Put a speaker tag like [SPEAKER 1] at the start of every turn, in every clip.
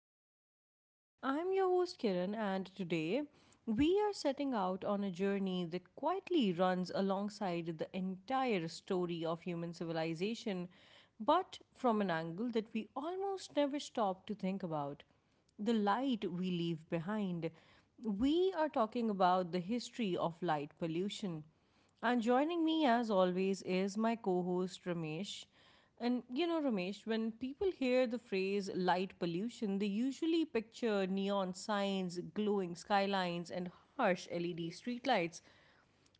[SPEAKER 1] Mind Pod. I'm your host Kiran, and today we are setting out on a journey that quietly runs alongside the entire story of human civilization, but from an angle that we almost never stop to think about: the light we leave behind. We are talking about the history of light pollution. And joining me as always is my co host Ramesh. And you know, Ramesh, when people hear the phrase light pollution, they usually picture neon signs, glowing skylines, and harsh LED streetlights.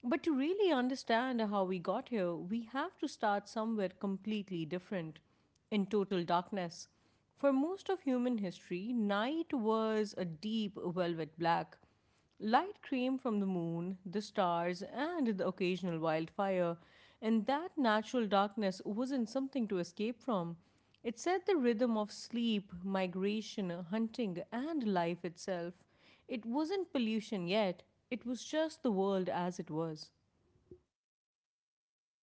[SPEAKER 1] But to really understand how we got here, we have to start somewhere completely different: in total darkness. For most of human history, night was a deep velvet black. Light came from the moon, the stars, and the occasional wildfire, and that natural darkness wasn't something to escape from. It set the rhythm of sleep, migration, hunting, and life itself. It wasn't pollution yet, it was just the world as it was.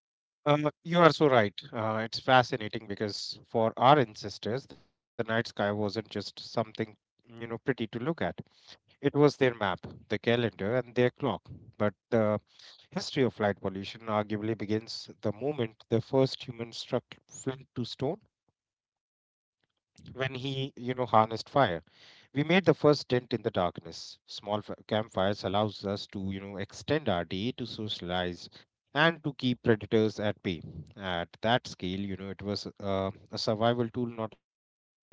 [SPEAKER 2] You are so right. It's fascinating because for our ancestors, the night sky wasn't just something, pretty to look at. It was their map, the calendar, and their clock. But the history of light pollution arguably begins the moment the first human struck flint to stone when he, harnessed fire. We made the first dent in the darkness. Small f- Campfires allows us to extend our day, to socialize and to keep predators at bay. At that scale, it was uh, a survival tool, not a pollutant.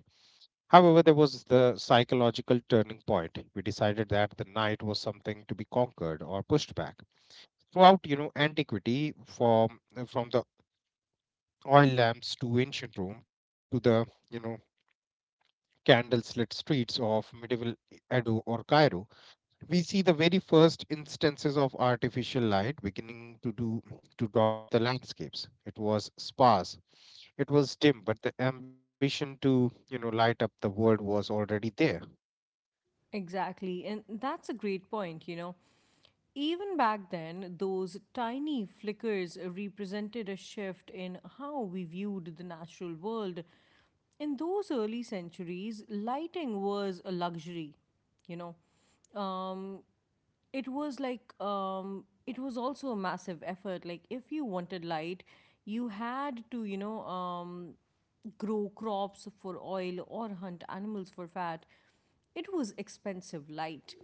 [SPEAKER 2] However, there was the psychological turning point. We decided that the night was something to be conquered or pushed back throughout, antiquity, from the oil lamps to ancient Rome to the, you know candle lit streets of medieval Edo or Cairo. We see the very first instances of artificial light beginning to dot the landscapes. It was sparse, it was dim, but the ambition to, light up the world was already there.
[SPEAKER 1] Exactly, and that's a great point, you know. Even back then, those tiny flickers represented a shift in how we viewed the natural world. In those early centuries, lighting was a luxury, you know. It was like it was also a massive effort, like if you wanted light, you had to, you know, grow crops for oil or hunt animals for fat. It was expensive light,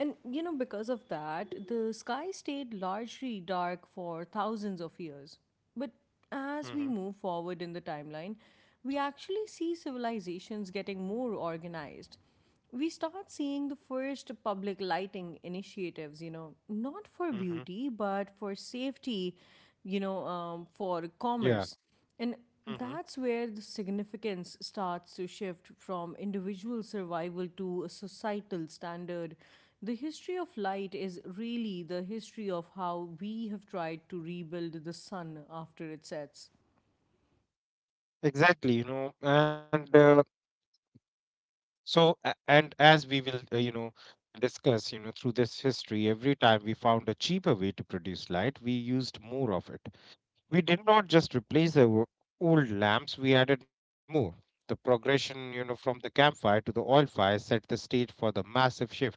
[SPEAKER 1] and you know, because of that, the sky stayed largely dark for thousands of years. But as we
[SPEAKER 2] Mm-hmm.
[SPEAKER 1] move forward in the timeline, we actually see civilizations getting more organized. We start seeing the first public lighting initiatives, you know, not for
[SPEAKER 2] Mm-hmm.
[SPEAKER 1] beauty, but for safety, you know, for commerce.
[SPEAKER 2] Yeah.
[SPEAKER 1] And that's
[SPEAKER 2] Mm-hmm.
[SPEAKER 1] where the significance starts to shift from individual survival to a societal standard. The history of light is really the history of how we have tried to rebuild the sun after it sets.
[SPEAKER 2] Exactly, and so and as we will, discuss, through this history, every time we found a cheaper way to produce light, we used more of it. We did not just replace the old lamps, we added more. The progression, you know, from the campfire to the oil fire set the stage for the massive shifts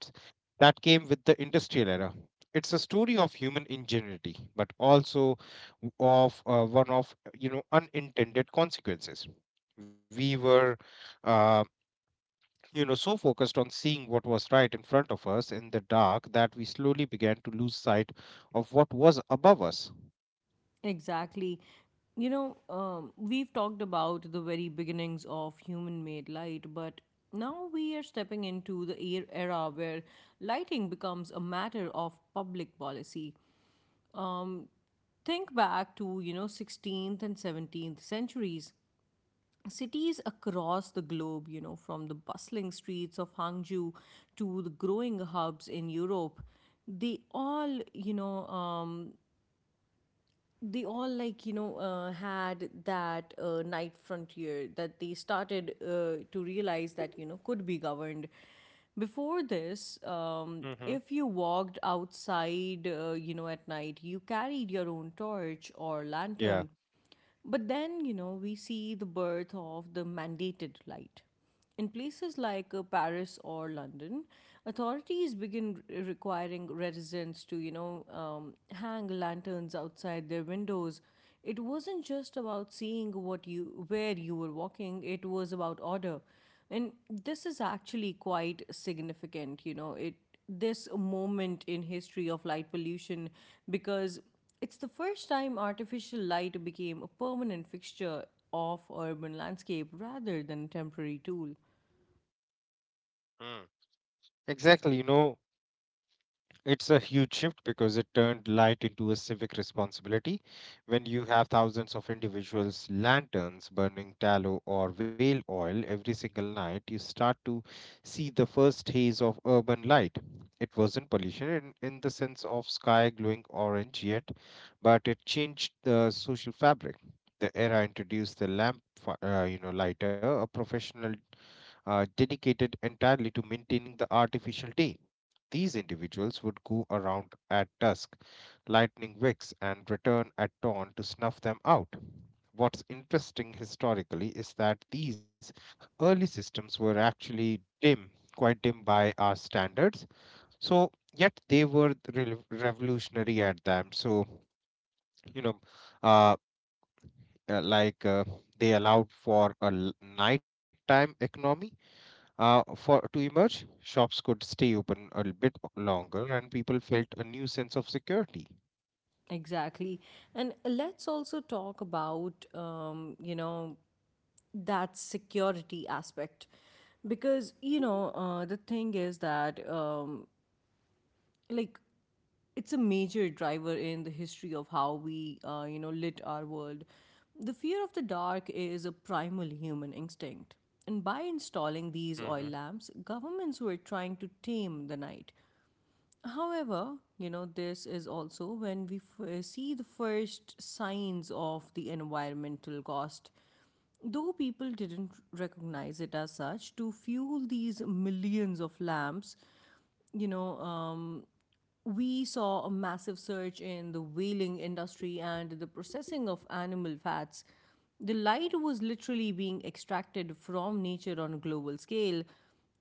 [SPEAKER 2] that came with the industrial era. It's a story of human ingenuity, but also of one of, unintended consequences. We were, uh, so focused on seeing what was right in front of us in the dark that we slowly began to lose sight of what was above us.
[SPEAKER 1] Exactly. We've talked about the very beginnings of human made light, but now we are stepping into the era where lighting becomes a matter of public policy. Um, think back to, you know, 16th and 17th centuries. Cities across the globe, you know, from the bustling streets of Hangzhou to the growing hubs in Europe, they all, they all, had that night frontier that they started to realize that, you know, could be governed. Before this,
[SPEAKER 2] Hmm.
[SPEAKER 1] if you walked outside, you know, at night, you carried your own torch or
[SPEAKER 2] Yeah.
[SPEAKER 1] lantern. But then, you know, we see the birth of the mandated light. In places like Paris or London, authorities begin requiring residents to, hang lanterns outside their windows. It wasn't just about seeing what you where you were walking; it was about order, and this is actually quite significant. You know, it this moment in history of light pollution, because it's the first time artificial light became a permanent fixture of urban landscape rather than a temporary tool.
[SPEAKER 2] Exactly, you know, it's a huge shift because it turned light into a civic responsibility. When you have thousands of individuals' lanterns burning tallow or whale oil every single night, you start to see the first haze of urban light. It wasn't pollution in the sense of sky glowing orange yet, but it changed the social fabric. The era introduced the lamp, you know, lighter, a professional dedicated entirely to maintaining the artificial day. These individuals would go around at dusk, lighting wicks, and return at dawn to snuff them out. What's interesting historically is that these early systems were actually dim, quite dim by our standards. So, yet they were revolutionary at them. So, you know, uh, uh, like uh, they allowed for a nighttime economy for to emerge. Shops could stay open a little bit longer, and people felt a new sense of security.
[SPEAKER 1] Exactly. And let's also talk about, you know, that security aspect. Because, you know, the thing is that, like, it's a major driver in the history of how we, you know, lit our world. The fear of the dark is a primal human instinct, and by installing
[SPEAKER 2] Hmm.
[SPEAKER 1] these oil lamps, governments were trying to tame the night. However, you know, this is also when we see the first signs of the environmental cost. Though people didn't recognize it as such, to fuel these millions of lamps, you know, we saw a massive surge in the whaling industry and the processing of animal fats. The light was literally being extracted from nature on a global scale;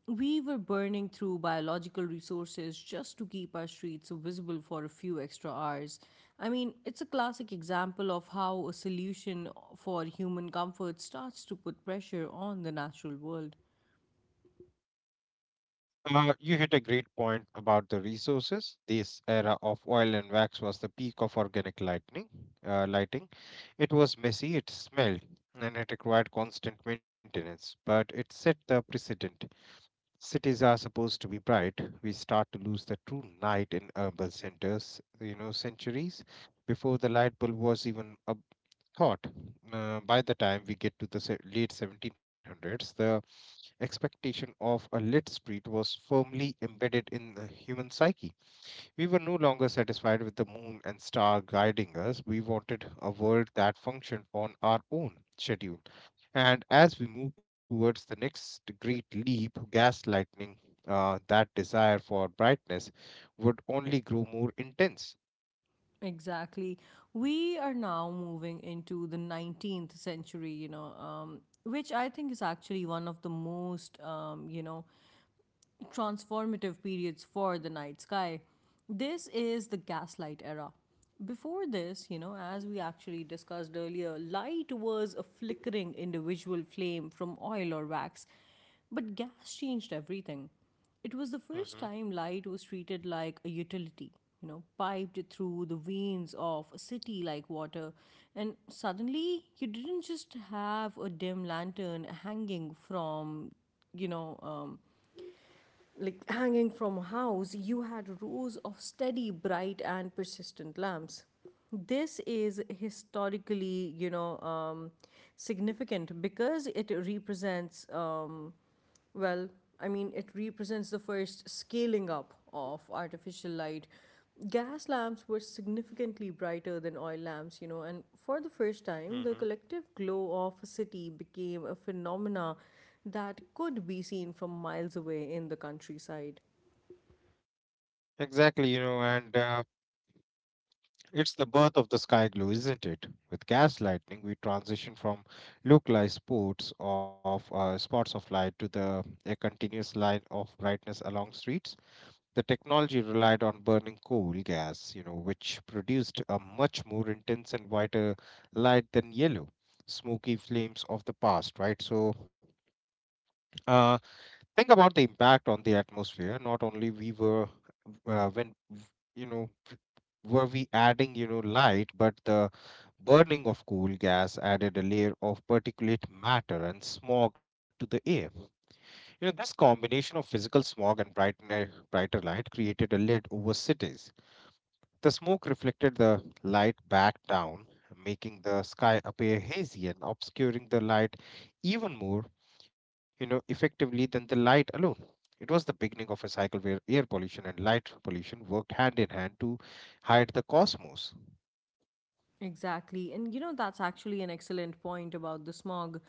[SPEAKER 1] we were burning through biological resources just to keep our streets visible for a few extra hours. I mean, it's a classic example of how a solution for human comfort starts to put pressure on the natural world.
[SPEAKER 2] You hit a great point about the resources. This era of oil and wax was the peak of organic lighting. Lighting. It was messy, it smelled, and it required constant maintenance. But it set the precedent. Cities are supposed to be bright. We start to lose the true night in urban centers. You know, centuries before the light bulb was even a thought. By the time we get to the late 1700s, the expectation of a lit street was firmly embedded in the human psyche. We were no longer satisfied with the moon and star guiding us. We wanted a world that functioned on our own schedule. And as we move towards the next great leap, gaslighting, that desire for brightness would only grow more intense.
[SPEAKER 1] Exactly. We are now moving into the 19th century, you know, which I think is actually one of the most, transformative periods for the night sky. This is the gaslight era. Before this, you know, as we actually discussed earlier, light was a flickering individual flame from oil or wax. But gas changed everything. It was the first
[SPEAKER 2] Mm-hmm.
[SPEAKER 1] time light was treated like a utility, you know, piped through the veins of a city like water. And suddenly, you didn't just have a dim lantern hanging from, you know, um, hanging from a house, you had rows of steady, bright, and persistent lamps. This is historically, significant because it represents, well, I mean, it represents the first scaling up of artificial light. Gas lamps were significantly brighter than oil lamps, you know, and for the first time, the
[SPEAKER 2] Mm-hmm.
[SPEAKER 1] collective glow of a city became a phenomena that could be seen from miles away in the countryside.
[SPEAKER 2] Exactly, and it's the birth of the sky glue, isn't it? With gas lightning, we transition from localized spots of, spots of light to the a continuous line of brightness along streets. The technology relied on burning coal gas, you know, which produced a much more intense and whiter light than yellow, smoky flames of the past, right? So, uh, think about the impact on the atmosphere. Not only we were, when you know were we adding, light, but the burning of coal gas added a layer of particulate matter and smog to the air. You know, this combination of physical smog and brighter light created a lid over cities. The smoke reflected the light back down, making the sky appear hazy and obscuring the light even more, you know, effectively than the light alone. It was the beginning of a cycle where air pollution and light pollution worked hand in hand to hide the cosmos.
[SPEAKER 1] Exactly. And you know, that's actually an excellent point about the smog.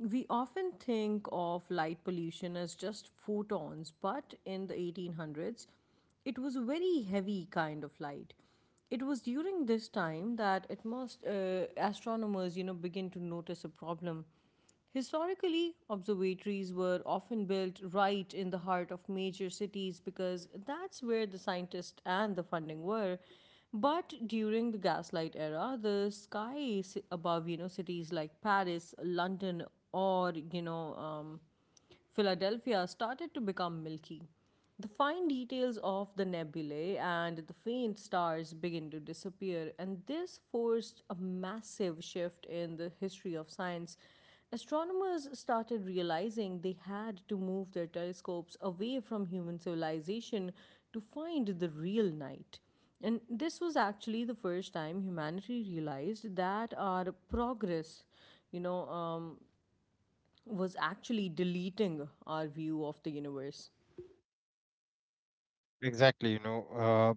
[SPEAKER 1] We often think of light pollution as just photons, but in the 1800s, it was a very heavy kind of light. It was during this time that astronomers, you know, begin to notice a problem. Historically, observatories were often built right in the heart of major cities because that's where the scientists and the funding were. But during the gaslight era, the skies above, you know, cities like Paris, London, or, Philadelphia, started to become milky. The fine details of the nebulae and the faint stars begin to disappear, and this forced a massive shift in the history of science. Astronomers started realizing they had to move their telescopes away from human civilization to find the real night. And this was actually the first time humanity realized that our progress, you know, um, was actually deleting our view of the universe.
[SPEAKER 2] Exactly,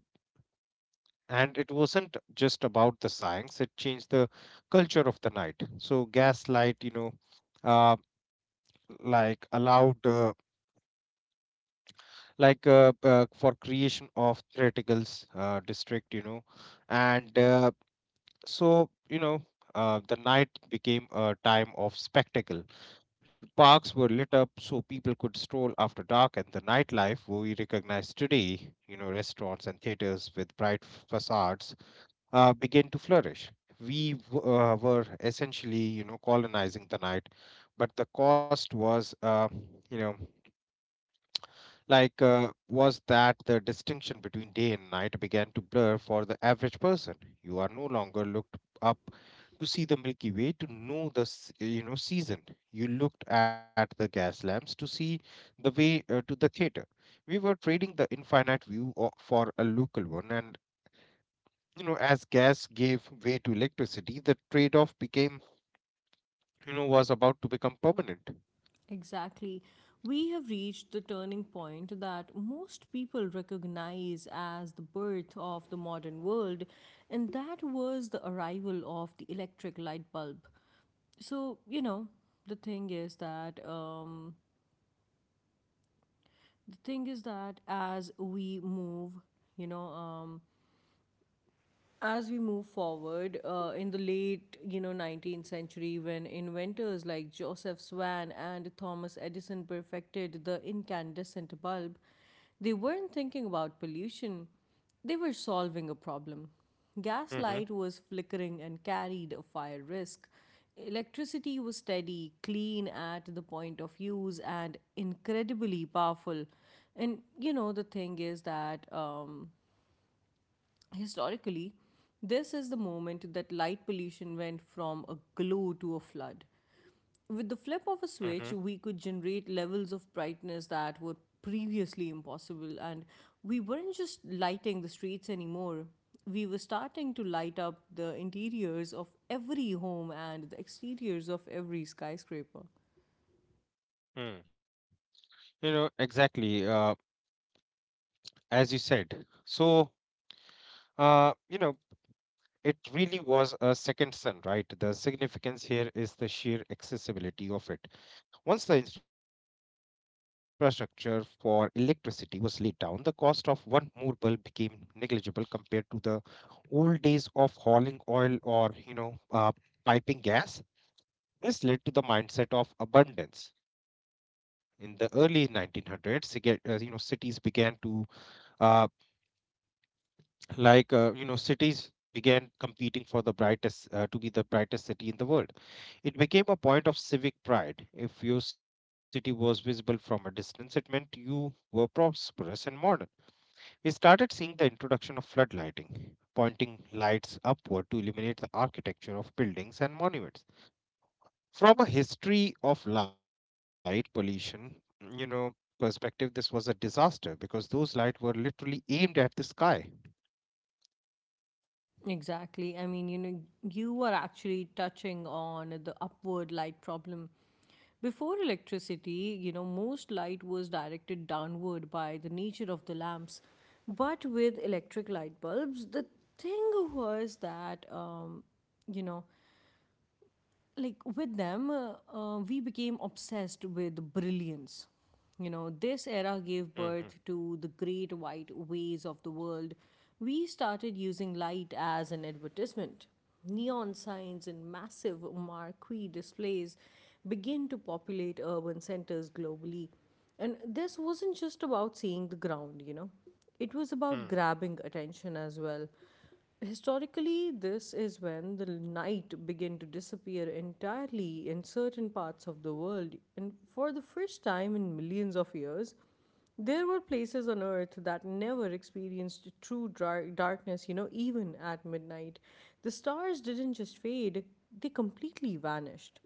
[SPEAKER 2] and it wasn't just about the science, it changed the culture of the night. So, gaslight, uh, like allowed. For creation of theatricals, district, and, so, the night became a time of spectacle. Parks were lit up so people could stroll after dark, and the nightlife we recognize today, you know, restaurants and theaters with bright facades, began to flourish. We were essentially, colonizing the night. But the cost was, you know was that the distinction between day and night began to blur for the average person. You are no longer looked up to see the Milky Way to know the you know, season. You looked at the gas lamps to see the way, to the theater. We were trading the infinite view for a local one, and, you know, as gas gave way to electricity, the trade off became, was about to become permanent.
[SPEAKER 1] Exactly. We have reached the turning point that most people recognize as the birth of the modern world, and that was the arrival of the electric light bulb. So, you know, the thing is that um, the thing is that, you know um, as we move forward, in the late, you know, 19th century, when inventors like Joseph Swan and Thomas Edison perfected the incandescent bulb, they weren't thinking about pollution. They were solving a problem. Gaslight was
[SPEAKER 2] Hmm.
[SPEAKER 1] flickering and carried a fire risk. Electricity was steady, clean at the point of use, and incredibly powerful. And you know, the thing is that historically, this is the moment that light pollution went from a glow to a flood. With the flip of a switch, we could generate levels of brightness that were previously impossible, and we weren't just lighting the streets anymore. We were starting to light up the interiors of every home and the exteriors of every skyscraper.
[SPEAKER 2] Hmm. You know, exactly, as you said. So, you know, it really was a second son, right? The significance here is the sheer accessibility of it. Once the infrastructure for electricity was laid down, the cost of one more bulb became negligible compared to the old days of hauling oil or, piping gas. This led to the mindset of abundance. In the early 1900s, you know, cities began to, uh, you know, cities began competing for the brightest, to be the brightest city in the world. It became a point of civic pride. If your city was visible from a distance, it meant you were prosperous and modern. We started seeing the introduction of floodlighting, pointing lights upward to illuminate the architecture of buildings and monuments. From a history of light pollution, you know, perspective, this was a disaster because those lights were literally aimed at the sky.
[SPEAKER 1] Exactly. I mean, you know, you are actually touching on the upward light problem. Before electricity, you know, most light was directed downward by the nature of the lamps. But with electric light bulbs, the thing was that, you know, like with them, we became obsessed with brilliance. You know, this era
[SPEAKER 2] Mhm.
[SPEAKER 1] gave birth to the great white ways of the world. We started using light as an advertisement. Neon signs and massive marquee displays begin to populate urban centers globally. And this wasn't just about seeing the ground, you know, it was about
[SPEAKER 2] Mhm.
[SPEAKER 1] grabbing attention as well. Historically, this is when the night began to disappear entirely in certain parts of the world, and for the first time in millions of years, there were places on Earth that never experienced true darkness, you know, even at midnight. The stars didn't just fade, they completely vanished.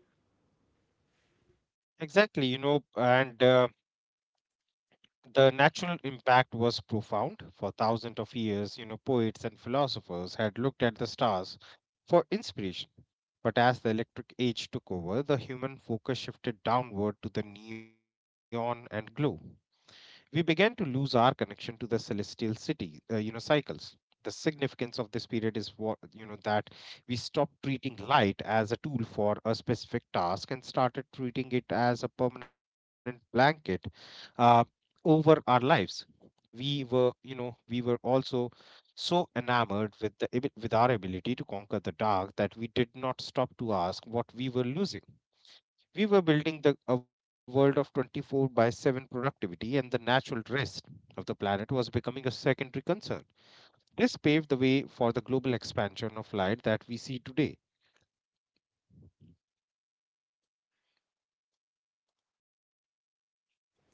[SPEAKER 2] Exactly, and the natural impact was profound. For thousands of years, you know, poets and philosophers had looked at the stars for inspiration. But as the electric age took over, the human focus shifted downward to the neon and glow. We began to lose our connection to the celestial city you know, cycles. The significance of this period is what, you know, that we stopped treating light as a tool for a specific task and started treating it as a permanent blanket, uh, over our lives. We were you know, we were also so enamored with the with our ability to conquer the dark that we did not stop to ask what we were losing. We were building a world of 24 by 7 productivity, and the natural rest of the planet was becoming a secondary concern. This paved the way for the global expansion of light that we see today.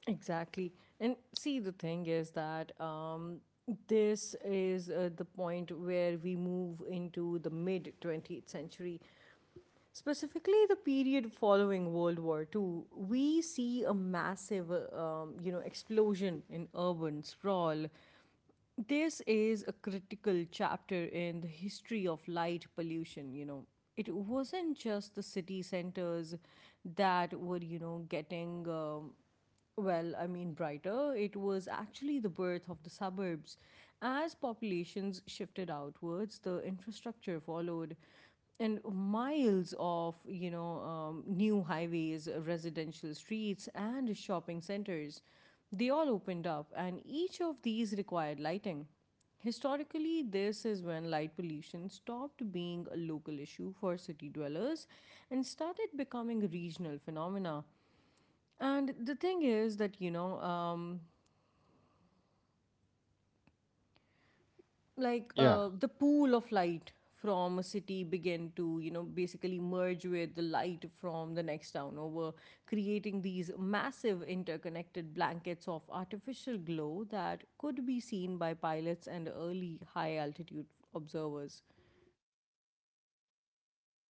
[SPEAKER 1] Exactly. And see, the thing is that this is, the point where we move into the mid 20th century. Specifically, the period following World War Two, we see a massive, you know, explosion in urban sprawl. This is a critical chapter in the history of light pollution. You know, it wasn't just the city centers that were, I mean, brighter; it was actually the birth of the suburbs. As populations shifted outwards, the infrastructure followed, and miles of, new highways, residential streets, and shopping centers, they all opened up, and each of these required lighting. Historically, this is when light pollution stopped being a local issue for city dwellers and started becoming a regional phenomena. And the thing is that you know like
[SPEAKER 2] Yeah,
[SPEAKER 1] the pool of light from a city began to, you know, basically merge with the light from the next town over, creating these massive interconnected blankets of artificial glow that could be seen by pilots and early high altitude observers.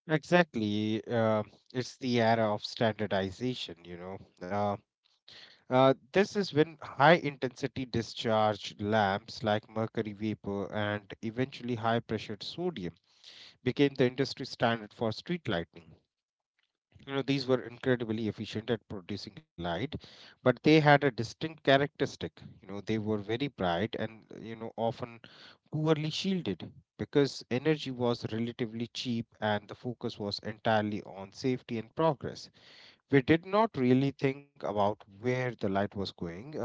[SPEAKER 2] exactly. It's the era of standardization, you know. This is when high intensity discharge lamps like mercury vapor and eventually high pressured sodium became the industry standard for street lighting. You know, these were incredibly efficient at producing light, but they had a distinct characteristic. You know, they were very bright and, you know, often poorly shielded because energy was relatively cheap and the focus was entirely on safety and progress. We did not really think about where the light was going.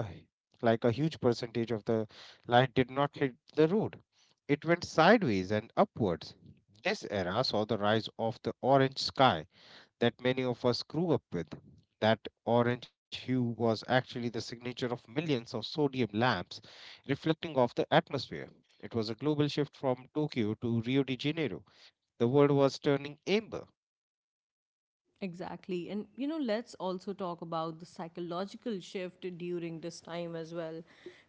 [SPEAKER 2] Like a huge percentage of the light did not hit the road, it went sideways and upwards. This era saw the rise of the orange sky that many of us grew up with. That orange hue was actually the signature of millions of sodium lamps reflecting off the atmosphere. It was a global shift from Tokyo to Rio de Janeiro. The world was turning amber.
[SPEAKER 1] Exactly. And, you know, let's also talk about the psychological shift during this time as well.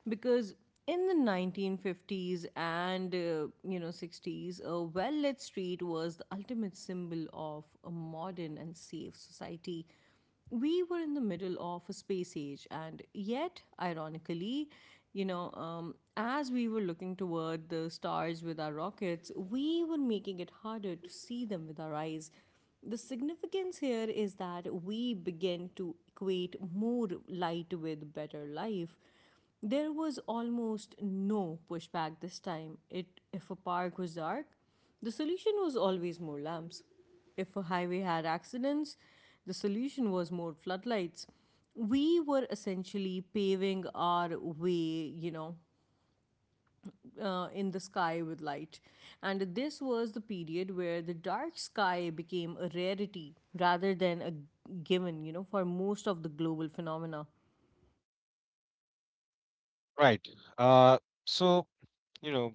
[SPEAKER 1] Because in the 1950s and, 60s, a well lit street was the ultimate symbol of a modern and safe society. We were in the middle of a space age, and yet, ironically, as we were looking toward the stars with our rockets, we were making it harder to see them with our eyes. The significance here is that we begin to equate more light with better life. There was almost no pushback this time. If a park was dark, the solution was always more lamps. If a highway had accidents, the solution was more floodlights. We were essentially paving our way, you know, in the sky with light. And this was the period where the dark sky became a rarity rather than a given, you know, for most of the global phenomena.
[SPEAKER 2] Right. Uh, so, you know,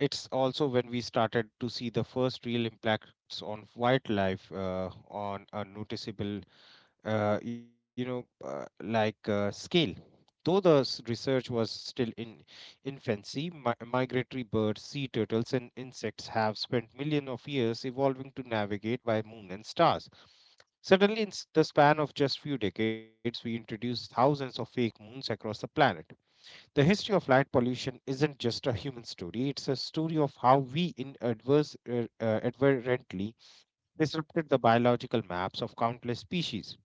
[SPEAKER 2] it's also when we started to see the first real impacts on wildlife, on a noticeable, scale. Though the research was still in infancy, migratory birds, sea turtles, and insects have spent millions of years evolving to navigate by moon and stars. Suddenly, in the span of just few decades, we introduced thousands of fake moons across the planet. The history of light pollution isn't just a human story; it's a story of how we, in adverse, advertently, disrupted the biological maps of countless species.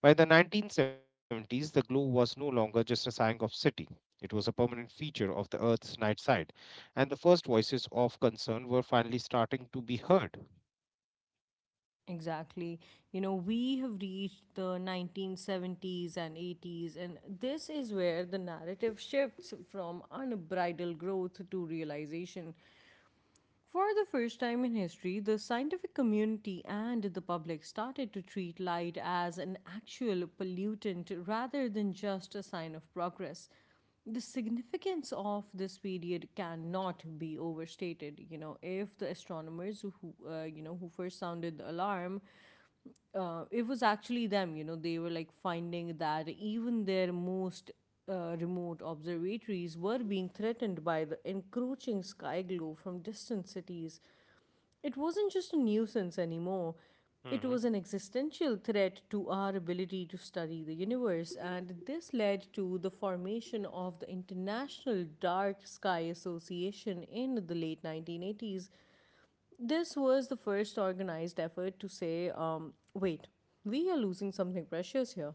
[SPEAKER 2] By the 1970s, the globe was no longer just a sign of city. It was a permanent feature of the Earth's night side, and the first voices of concern were finally starting to be heard.
[SPEAKER 1] Exactly. You know, we have reached the 1970s and 80s, and this is where the narrative shifts from unbridled growth to realization. For the first time in history, the scientific community and the public started to treat light as an actual pollutant rather than just a sign of progress. The significance of this period cannot be overstated. You know, if the astronomers who, who first sounded the alarm, it was actually them. You know, they were like finding that even their most remote observatories were being threatened by the encroaching sky glow from distant cities. It wasn't just a nuisance anymore. It
[SPEAKER 2] Hmm.
[SPEAKER 1] was an existential threat to our ability to study the universe, and this led to the formation of the International Dark Sky Association in the late 1980s. This was the first organized effort to say, wait, we are losing something precious here.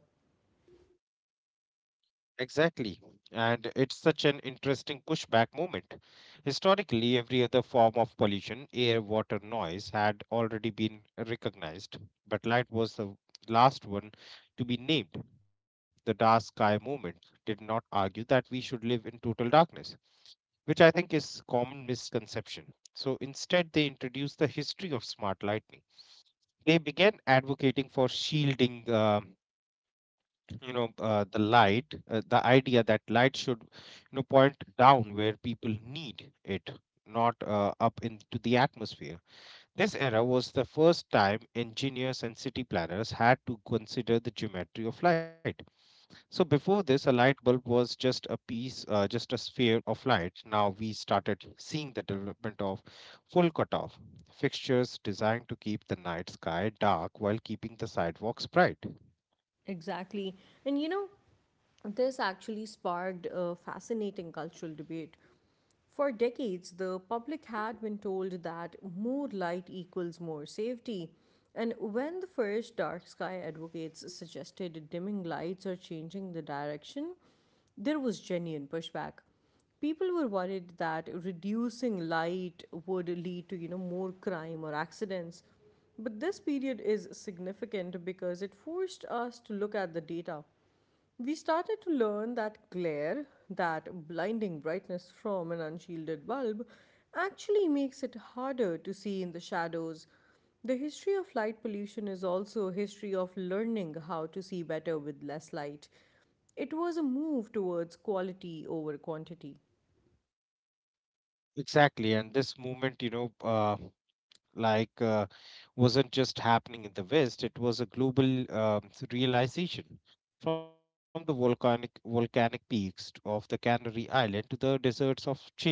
[SPEAKER 2] Exactly. And it's such an interesting pushback moment. Historically, every other form of pollution, air, water, noise, had already been recognized, but light was the last one to be named. The dark sky movement did not argue that we should live in total darkness, which I think is common misconception. So instead, they introduced the history of smart lighting. They began advocating for shielding, you know, uh, the light, the idea that light should, point down where people need it, not up into the atmosphere. This era was the first time engineers and city planners had to consider the geometry of light, so before this, a light bulb was just a sphere of light. Now we started seeing the development of full cutoff fixtures designed to keep the night sky dark while keeping the sidewalks bright.
[SPEAKER 1] Exactly. And you know, this actually sparked a fascinating cultural debate. For decades, the public had been told that more light equals more safety. And when the first dark sky advocates suggested dimming lights or changing the direction, there was genuine pushback. People were worried that reducing light would lead to, you know, more crime or accidents. But this period is significant because it forced us to look at the data. We started to learn that glare, that blinding brightness from an unshielded bulb, actually makes it harder to see in the shadows. The history of light pollution is also a history of learning how to see better with less light. It was a move towards quality over quantity.
[SPEAKER 2] Exactly, and this movement, like uh, wasn't just happening in the West, it was a global realization. From the volcanic peaks of the Canary Island to the deserts of Chile,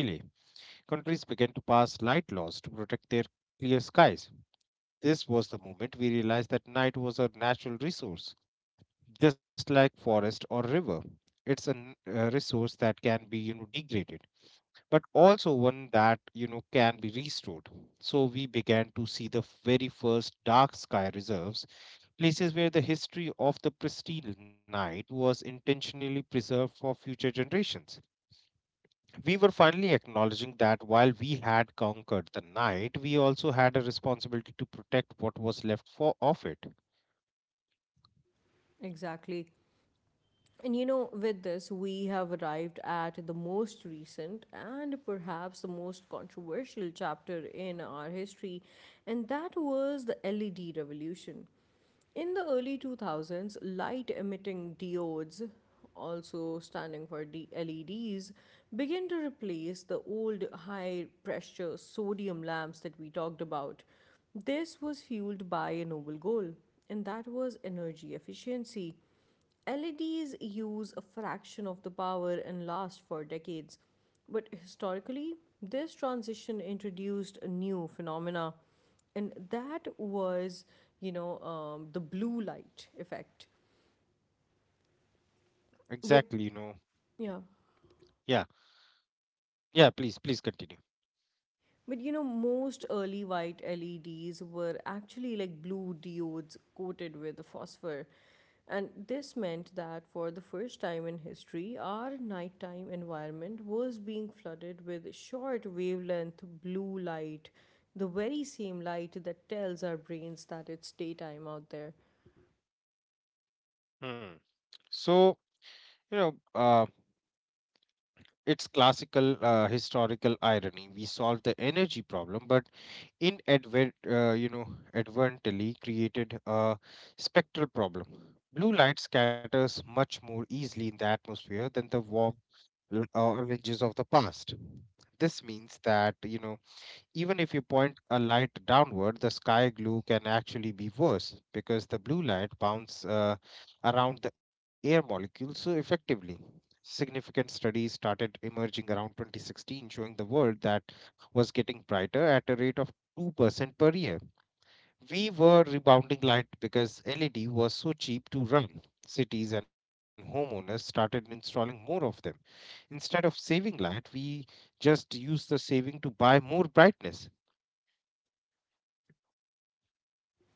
[SPEAKER 2] countries began to pass light laws to protect their clear skies. This was the moment we realized that night was a natural resource, just like forest or river. It's a resource that can be, degraded, but also one that can be restored. So we began to see the very first dark sky reserves, places where the history of the pristine night was intentionally preserved for future generations. We were finally acknowledging that while we had conquered the night, we also had a responsibility to protect what was left for of it.
[SPEAKER 1] Exactly. And you know, with this, we have arrived at the most recent and perhaps the most controversial chapter in our history, and that was the LED revolution. In the early 2000s, light emitting diodes, also standing for LEDs, began to replace the old high pressure sodium lamps that we talked about. This was fueled by a noble goal, and that was energy efficiency. LEDs use a fraction of the power and last for decades, but historically, this transition introduced a new phenomena, and that was, the blue light effect. But
[SPEAKER 2] Exactly.
[SPEAKER 1] yeah,
[SPEAKER 2] Yeah. Yeah, please continue.
[SPEAKER 1] but you know, most early white LEDs were actually like blue diodes coated with phosphor. And this meant that for the first time in history, our nighttime environment was being flooded with short wavelength blue light, the very same light that tells our brains that it's daytime out there.
[SPEAKER 2] Hmm. So, you know uh, it's classical, historical irony. We solved the energy problem, but inadvert, advertently created a spectral problem. Blue light scatters much more easily in the atmosphere than the warm oranges of the past. This means that, even if you point a light downward, the sky glue can actually be worse because the blue light bounces around the air molecules so effectively. Significant studies started emerging around 2016 showing the world that was getting brighter at a rate of 2% per year. We were rebounding light because LED was so cheap to run. Cities and homeowners started installing more of them. Instead of saving light, we just used the saving to buy more brightness.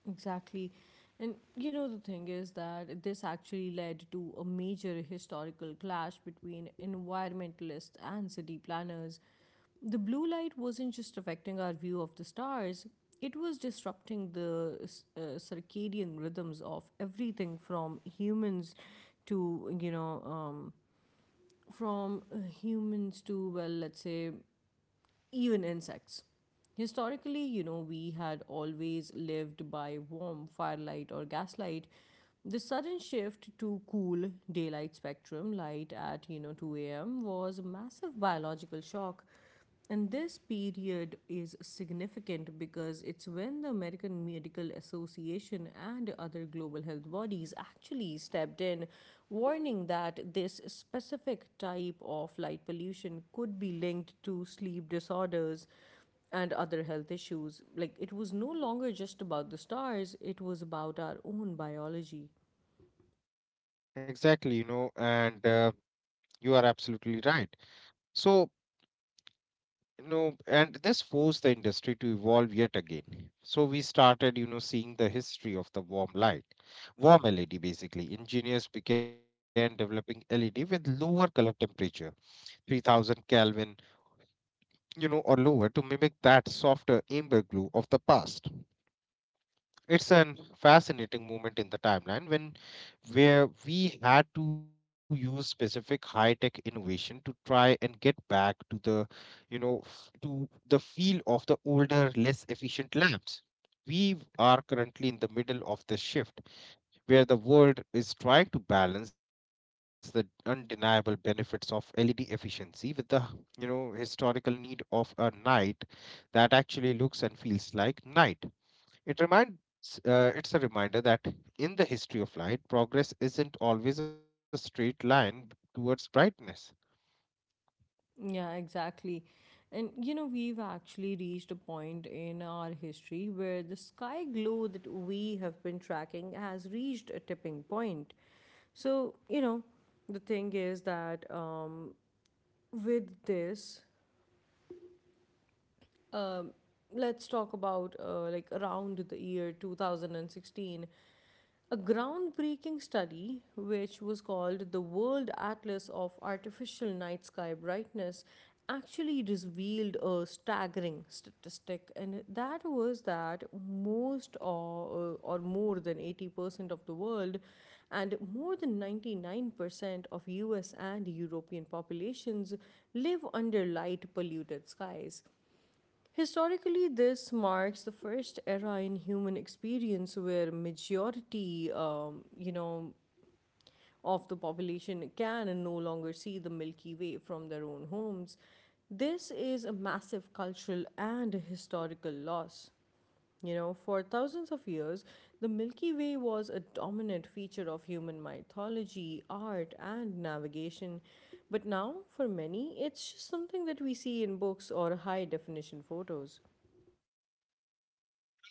[SPEAKER 1] Exactly. And you know, the thing is that this actually led to a major historical clash between environmentalists and city planners. The blue light wasn't just affecting our view of the stars, it was disrupting the circadian rhythms of everything from humans to, you know, from humans to, well, let's say, even insects. Historically, you know, we had always lived by warm firelight or gaslight. The sudden shift to cool daylight spectrum light at, you know, 2 a.m. was a massive biological shock, and this period is significant because it's when the American Medical Association and other global health bodies actually stepped in, warning that this specific type of light pollution could be linked to sleep disorders and other health issues. Like, it was no longer just about the stars, it was about our own biology.
[SPEAKER 2] Exactly, and you are absolutely right. So, and this forced the industry to evolve yet again. So we started, seeing the history of the warm light, warm LED basically. Engineers began developing LED with lower color temperature, 3000 Kelvin, or lower to mimic that softer amber glow of the past. It's an fascinating moment in the timeline when where we had to use specific high tech innovation to try and get back to the you know f- to the feel of the older less efficient labs. We are currently in the middle of the shift where the world is trying to balance the undeniable benefits of led efficiency with the, historical need of a night that actually looks and feels like night. It reminds uh, it's a reminder that in the history of light, progress isn't always a straight line towards brightness.
[SPEAKER 1] Yeah, exactly. And you know, we've actually reached a point in our history where the sky glow that we have been tracking has reached a tipping point. So, you know, the thing is that with this, um, let's talk about like around the year 2016. A groundbreaking study, which was called the World Atlas of Artificial Night Sky Brightness, actually revealed a staggering statistic, and that was that most or more than 80% of the world and more than 99% of US and European populations live under light polluted skies. Historically, this marks the first era in human experience where majority, of the population can and no longer see the Milky Way from their own homes. This is a massive cultural and historical loss. You know, for thousands of years, the Milky Way was a dominant feature of human mythology, art, and navigation. But now, for many, it's just something that we see in books or high definition photos.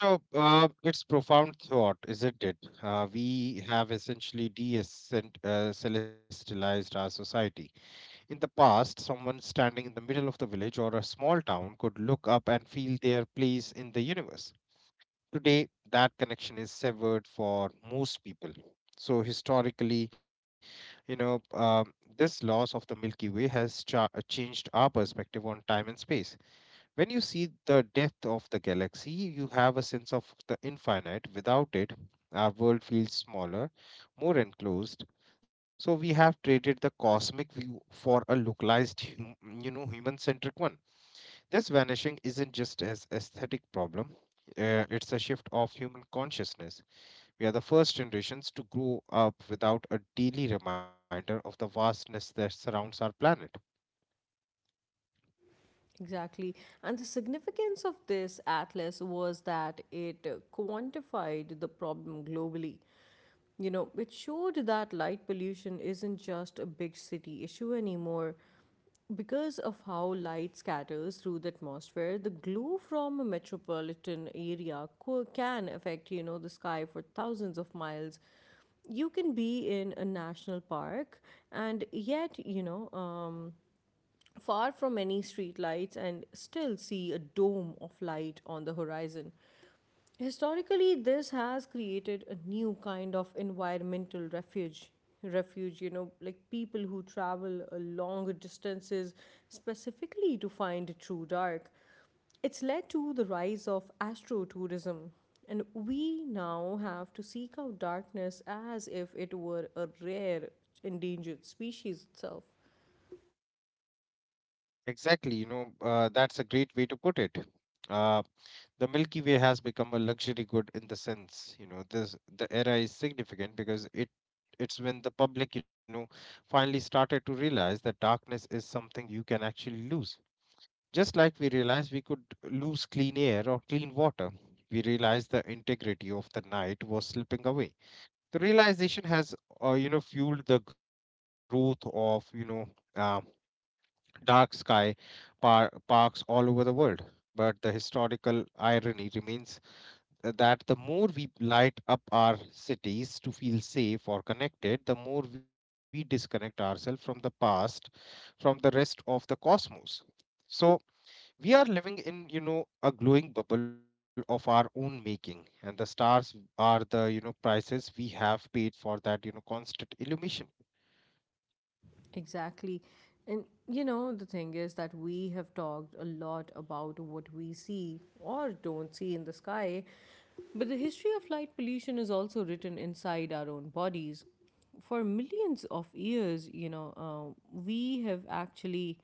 [SPEAKER 2] So, it's profound thought, isn't it? We have essentially celestialized our society. In the past, someone standing in the middle of the village or a small town could look up and feel their place in the universe. Today, that connection is severed for most people. So, historically, you know, um, this loss of the Milky Way has changed our perspective on time and space. When you see the depth of the galaxy, you have a sense of the infinite. Without it, our world feels smaller, more enclosed. So, we have traded the cosmic view for a localized, human centric one. This vanishing isn't just an aesthetic problem. It's a shift of human consciousness. We are the first generations to grow up without a daily reminder of the vastness that surrounds our planet.
[SPEAKER 1] Exactly. And the significance of this atlas was that it quantified the problem globally. You know, it showed that light pollution isn't just a big city issue anymore. Because of how light scatters through the atmosphere, the glow from a metropolitan area can affect, you know, the sky for thousands of miles. You can be in a national park and yet, far from any streetlights and still see a dome of light on the horizon. Historically, this has created a new kind of environmental refuge. Refuge, you know, like people who travel a long distances specifically to find true dark. It's led to the rise of astrotourism, and we now have to seek out darkness as if it were a rare endangered species itself.
[SPEAKER 2] Exactly, that's a great way to put it. Uh, the Milky Way has become a luxury good in the sense. You know, this The era is significant because it's when the public, finally started to realize that darkness is something you can actually lose. Just like we realized we could lose clean air or clean water, we realized the integrity of the night was slipping away. The realization has, fueled the growth of, uh, dark sky parks all over the world. But the historical irony remains that the more we light up our cities to feel safe or connected, the more we disconnect ourselves from the past, from the rest of the cosmos. So, we are living in, a glowing bubble of our own making, and the stars are the, prices we have paid for that, constant illumination.
[SPEAKER 1] Exactly. And you know, the thing is that we have talked a lot about what we see or don't see in the sky, but the history of light pollution is also written inside our own bodies. For millions of years, we have actually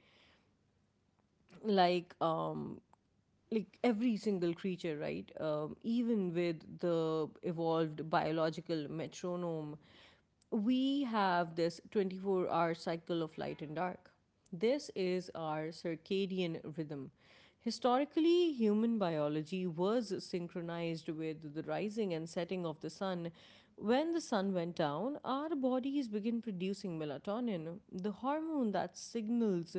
[SPEAKER 1] like um, like every single creature, right? Even with the evolved biological metronome, we have this 24-hour cycle of light and dark. This is our circadian rhythm. Historically, human biology was synchronized with the rising and setting of the sun. When the sun went down, our bodies begin producing melatonin, the hormone that signals,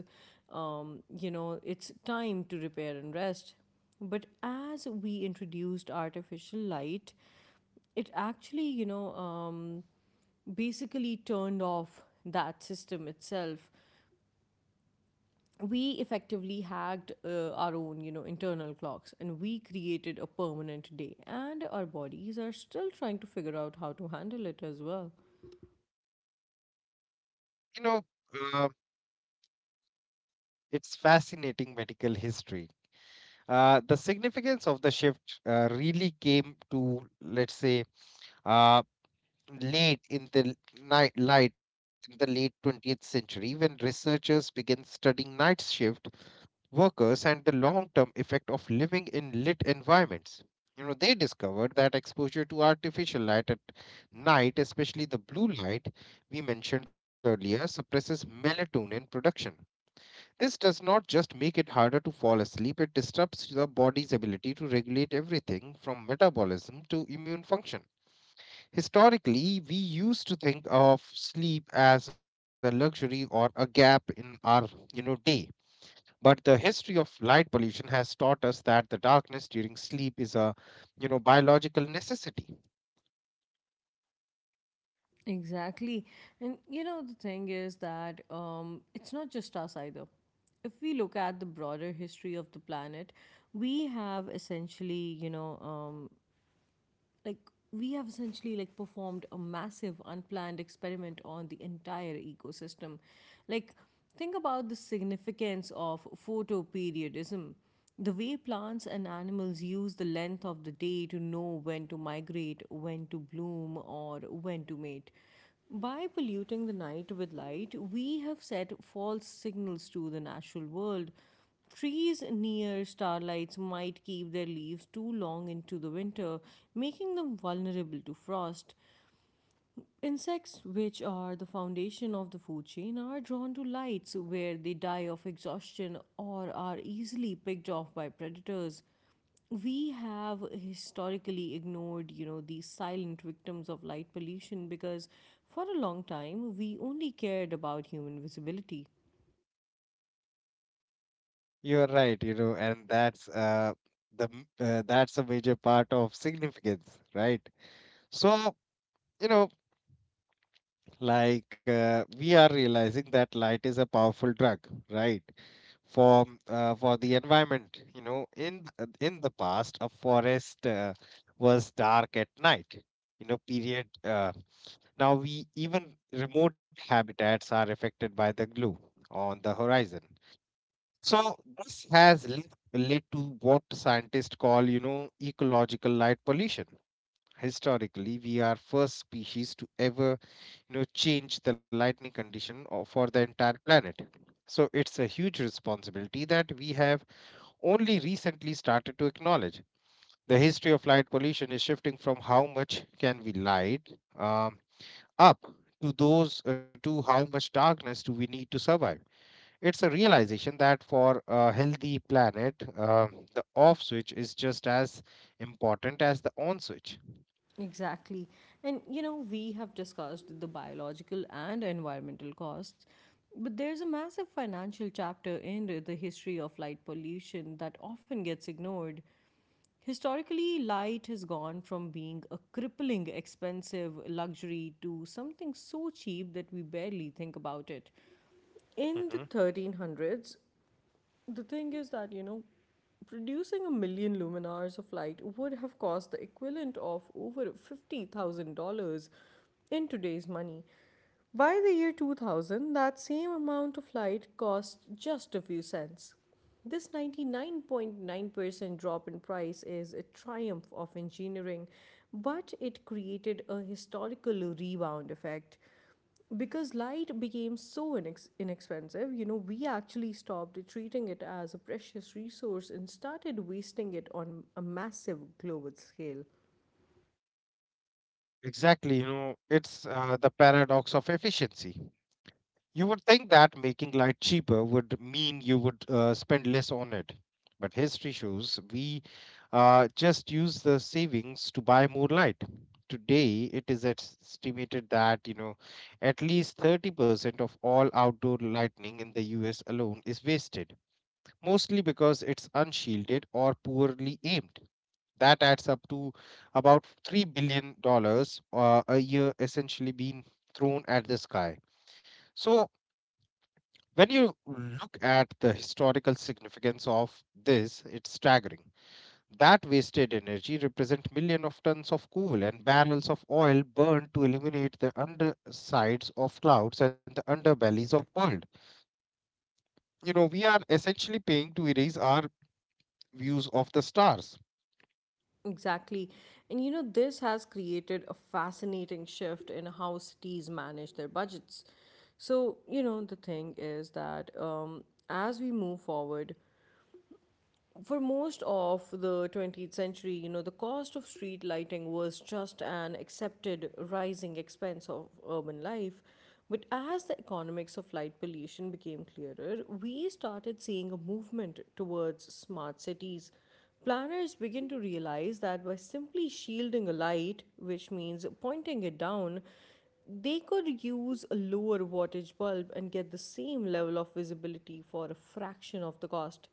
[SPEAKER 1] you know, it's time to repair and rest. But as we introduced artificial light, it actually, basically turned off that system itself. We effectively hacked our own, you know, internal clocks, and we created a permanent day. And our bodies are still trying to figure out how to handle it as well.
[SPEAKER 2] you know uh, it's fascinating medical history. The significance of the shift really came to, let's say, uh, late in the late 20th century when researchers began studying night shift workers and the long-term effect of living in lit environments. You know, they discovered that exposure to artificial light at night, especially the blue light we mentioned earlier, suppresses melatonin production. This does not just make it harder to fall asleep, it disrupts the body's ability to regulate everything from metabolism to immune function. Historically, we used to think of sleep as a luxury or a gap in our, day, but the history of light pollution has taught us that the darkness during sleep is a, biological necessity.
[SPEAKER 1] Exactly. And you know, the thing is that it's not just us either. If we look at the broader history of the planet, we have essentially, like performed a massive unplanned experiment on the entire ecosystem. Like think about the significance of photoperiodism, the way plants and animals use the length of the day to know when to migrate, when to bloom, or when to mate. By polluting the night with light, we have set false signals to the natural world. Trees near starlights might keep their leaves too long into the winter, making them vulnerable to frost. Insects, which are the foundation of the food chain, are drawn to lights where they die of exhaustion or are easily picked off by predators. We have historically ignored, you know, these silent victims of light pollution because for a long time we only cared about human visibility.
[SPEAKER 2] You're right, and that's a major part of significance, right? So, you know, like, we are realizing that light is a powerful drug, right? For the environment, in in the past, a forest, was dark at night. You know, period. Now we even remote habitats are affected by the glow on the horizon. So this has led to what scientists call, ecological light pollution. Historically, we are first species to ever, change the lightning condition for the entire planet. So it's a huge responsibility that we have only recently started to acknowledge. The history of light pollution is shifting from how much can we light um, up to how much darkness do we need to survive. It's a realization that for a healthy planet, the off switch is just as important as the on switch.
[SPEAKER 1] Exactly. And you know, we have discussed the biological and environmental costs, but there's a massive financial chapter in the history of light pollution that often gets ignored. Historically, light has gone from being a crippling expensive luxury to something so cheap that we barely think about it.
[SPEAKER 2] Mhm.
[SPEAKER 1] In the 1300s, the thing is that, you know, producing a million lumen hours of light would have cost the equivalent of over $50,000 in today's money. By the year 2000, that same amount of light cost just a few cents. This 99.9% drop in price is a triumph of engineering, but it created a historical rebound effect. Because light became so inexpensive, you know, we actually stopped treating it as a precious resource and started wasting it on a massive global scale.
[SPEAKER 2] Exactly. It's the paradox of efficiency. You would think that making light cheaper would mean you would, spend less on it. But history shows we, just use the savings to buy more light. Today, it is estimated that, at least 30% of all outdoor lighting in the US alone is wasted, mostly because it's unshielded or poorly aimed. That adds up to about $3 billion dollars, a year essentially being thrown at the sky. So when you look at the historical significance of this, it's staggering. That wasted energy represents millions of tons of coal and barrels of oil burned to illuminate the undersides of clouds and the underbellies of world. You know, we are essentially paying to erase our views of the stars.
[SPEAKER 1] Exactly. And you know, this has created a fascinating shift in how cities manage their budgets. So, you know, the thing is that as we move forward, for most of the 20th century, you know, the cost of street lighting was just an accepted rising expense of urban life. But as the economics of light pollution became clearer, we started seeing a movement towards smart cities. Planners begin to realize that by simply shielding a light, which means pointing it down, they could use a lower wattage bulb and get the same level of visibility for a fraction of the cost.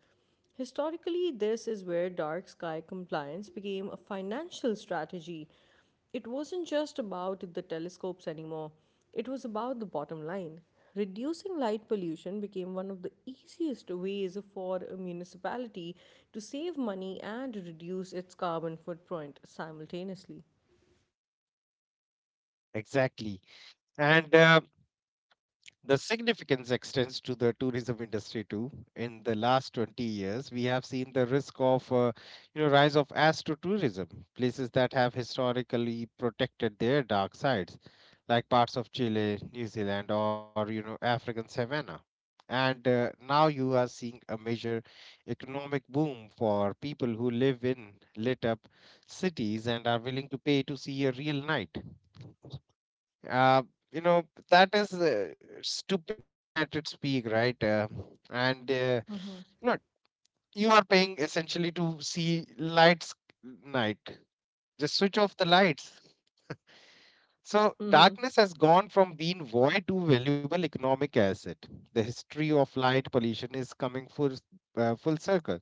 [SPEAKER 1] Historically, this is where dark sky compliance became a financial strategy. It wasn't just about the telescopes anymore, it was about the bottom line. Reducing light pollution became one of the easiest ways for a municipality to save money and reduce its carbon footprint simultaneously.
[SPEAKER 2] Exactly. And the significance extends to the tourism industry too. In the last 20 years, we have seen the risk of, you know, rise of astrotourism, places that have historically protected their dark sides, like parts of Chile, New Zealand, or, African savanna. And now you are seeing a major economic boom for people who live in lit up cities and are willing to pay to see a real night. Uh, you know, that is stupidity at its peak, right? And uh,
[SPEAKER 1] Mm-hmm.
[SPEAKER 2] you know, you are paying essentially to see lights night. Just switch off the lights. So darkness has gone from being void to valuable economic asset. The history of light pollution is coming full circle.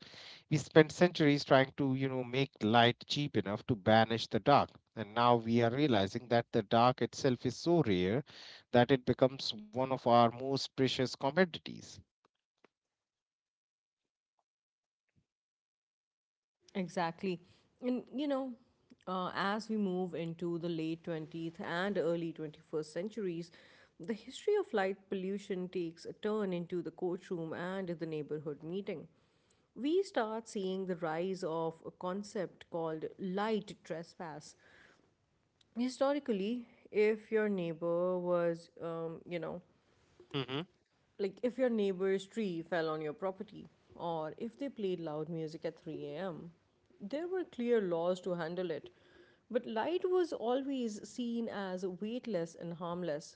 [SPEAKER 2] We spent centuries trying to, make light cheap enough to banish the dark. And now we are realizing that the dark itself is so rare that it becomes one of our most precious commodities.
[SPEAKER 1] Exactly. And you know, as we move into the late 20th and early 21st centuries, the history of light pollution takes a turn into the courtroom and the neighborhood meeting. We start seeing the rise of a concept called light trespass. Historically, if your neighbor
[SPEAKER 2] Mhm.
[SPEAKER 1] like if your neighbor's tree fell on your property or if they played loud music at 3 a.m. There were clear laws to handle it, but light was always seen as weightless and harmless.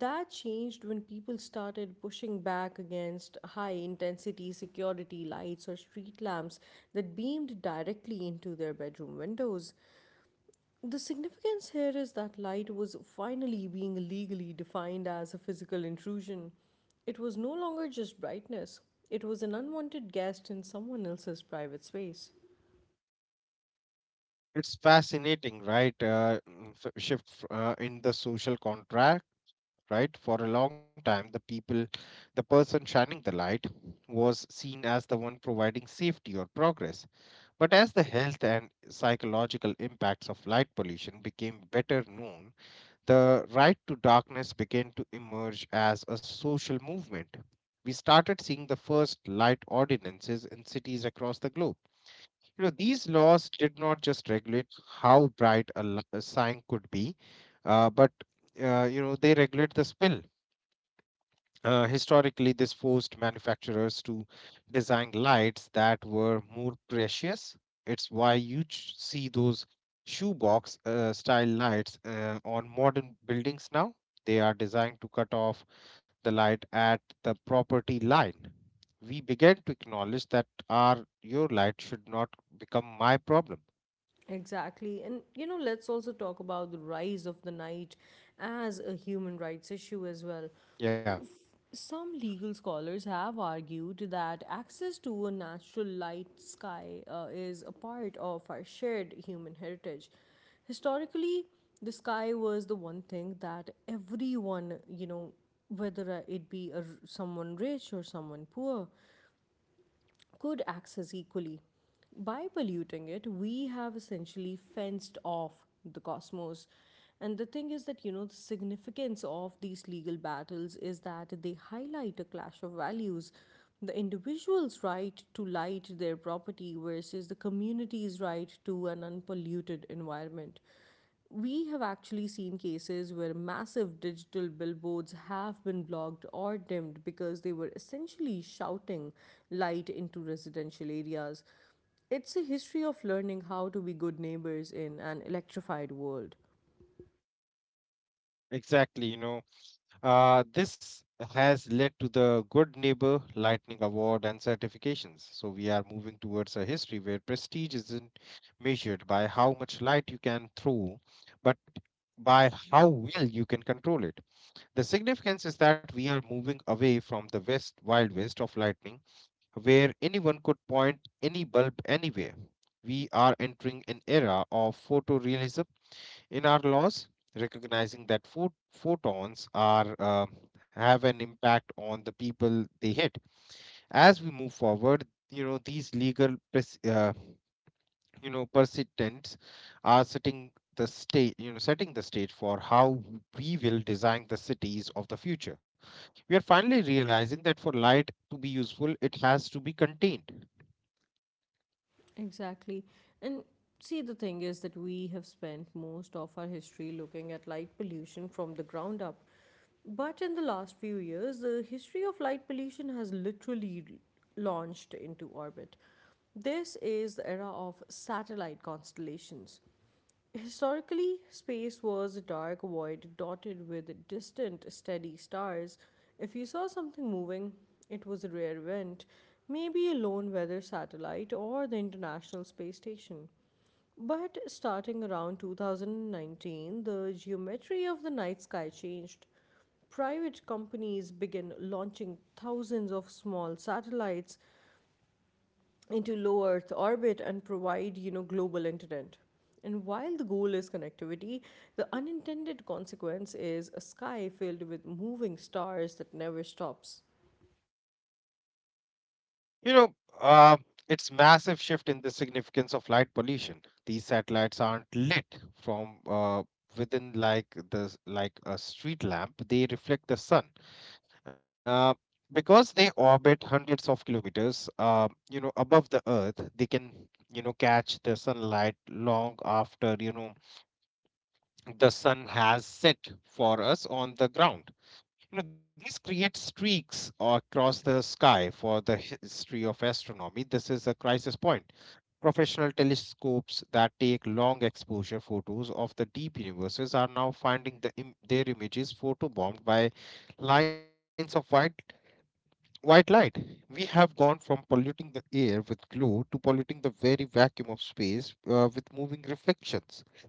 [SPEAKER 1] That changed when people started pushing back against high intensity security lights or street lamps that beamed directly into their bedroom windows. The significance here is that light was finally being legally defined as a physical intrusion. It was no longer just brightness, it was an unwanted guest in someone else's private space.
[SPEAKER 2] It's fascinating, right? So, shift in the social contract, right? For a long time, the people, the person shining the light was seen as the one providing safety or progress. But as the health and psychological impacts of light pollution became better known, the right to darkness began to emerge as a social movement. We started seeing the first light ordinances in cities across the globe. You know, these laws did not just regulate how bright a sign could be, but you know, they regulate the smell. Historically, this forced manufacturers to design lights that were more precious. It's why you see those shoebox style lights on modern buildings now. They are designed to cut off the light at the property line. We began to acknowledge that our your light should not become my problem.
[SPEAKER 1] Exactly, let's also talk about the rise of the night as a human rights issue as well.
[SPEAKER 2] Yeah,
[SPEAKER 1] Some legal scholars have argued that access to a natural light sky is a part of our shared human heritage. Historically, the sky was the one thing that everyone, whether it be someone rich or someone poor, could access equally. By polluting it, we have essentially fenced off the cosmos. And the thing is that, you know, the significance of these legal battles is that they highlight a clash of values. The individual's right to light their property versus the community's right to an unpolluted environment. We have actually seen cases where massive digital billboards have been blocked or dimmed because they were essentially shouting light into residential areas. It's a history of learning how to be good neighbors in an electrified world.
[SPEAKER 2] exactly. You know, this has led to the Good Neighbor Lightning Award and certifications. So we are moving towards a history where prestige isn't measured by how much light you can throw, but by how well you can control it. The significance is that we are moving away from the West Wild West of lightning, where anyone could point any bulb anywhere. We are entering an era of photorealism in our laws, recognizing that photons are have an impact on the people they hit. As we move forward, you know, these legal precedents are setting the stage you know setting the stage for how we will design the cities of the future. We are finally realizing that for light to be useful, it has to be contained.
[SPEAKER 1] Exactly. And see, the thing is that we have spent most of our history looking at light pollution from the ground up. But in the last few years, the history of light pollution has literally launched into orbit. This is the era of satellite constellations. Historically, space was a dark void dotted with distant, steady stars. If you saw something moving, it was a rare event, maybe a lone weather satellite or the International Space Station. But starting around 2019, the geometry of the night sky changed. Private companies began launching thousands of small satellites into low Earth orbit and provide global internet. And while the goal is connectivity, the unintended consequence is a sky filled with moving stars that never stops.
[SPEAKER 2] You know, uh, it's massive shift in the significance of light pollution. These satellites aren't lit from within, like the like a street lamp. They reflect the sun. Uh, because they orbit hundreds of kilometers, you know, above the Earth, they can, you know, catch the sunlight long after, you know, the sun has set for us on the ground. You know, this creates streaks across the sky. For the history of astronomy, this is a crisis point. Professional telescopes that take long exposure photos of the deep universes are now finding their images photobombed by lines of white light. We have gone from polluting the air with glow to polluting the very vacuum of space with moving reflections.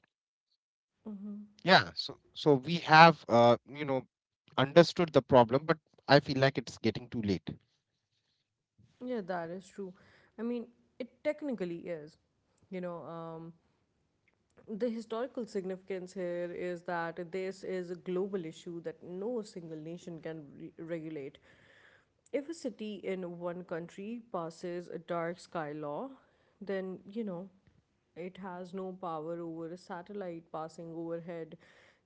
[SPEAKER 2] So
[SPEAKER 1] Hmm.
[SPEAKER 2] yeah, so we have, you know, understood the problem, but I feel like it's getting too late.
[SPEAKER 1] Yeah, that is true. I mean, it technically is. You know, um, the historical significance here is that this is a global issue that no single nation can regulate. If a city in one country passes a dark sky law, then it has no power over a satellite passing overhead.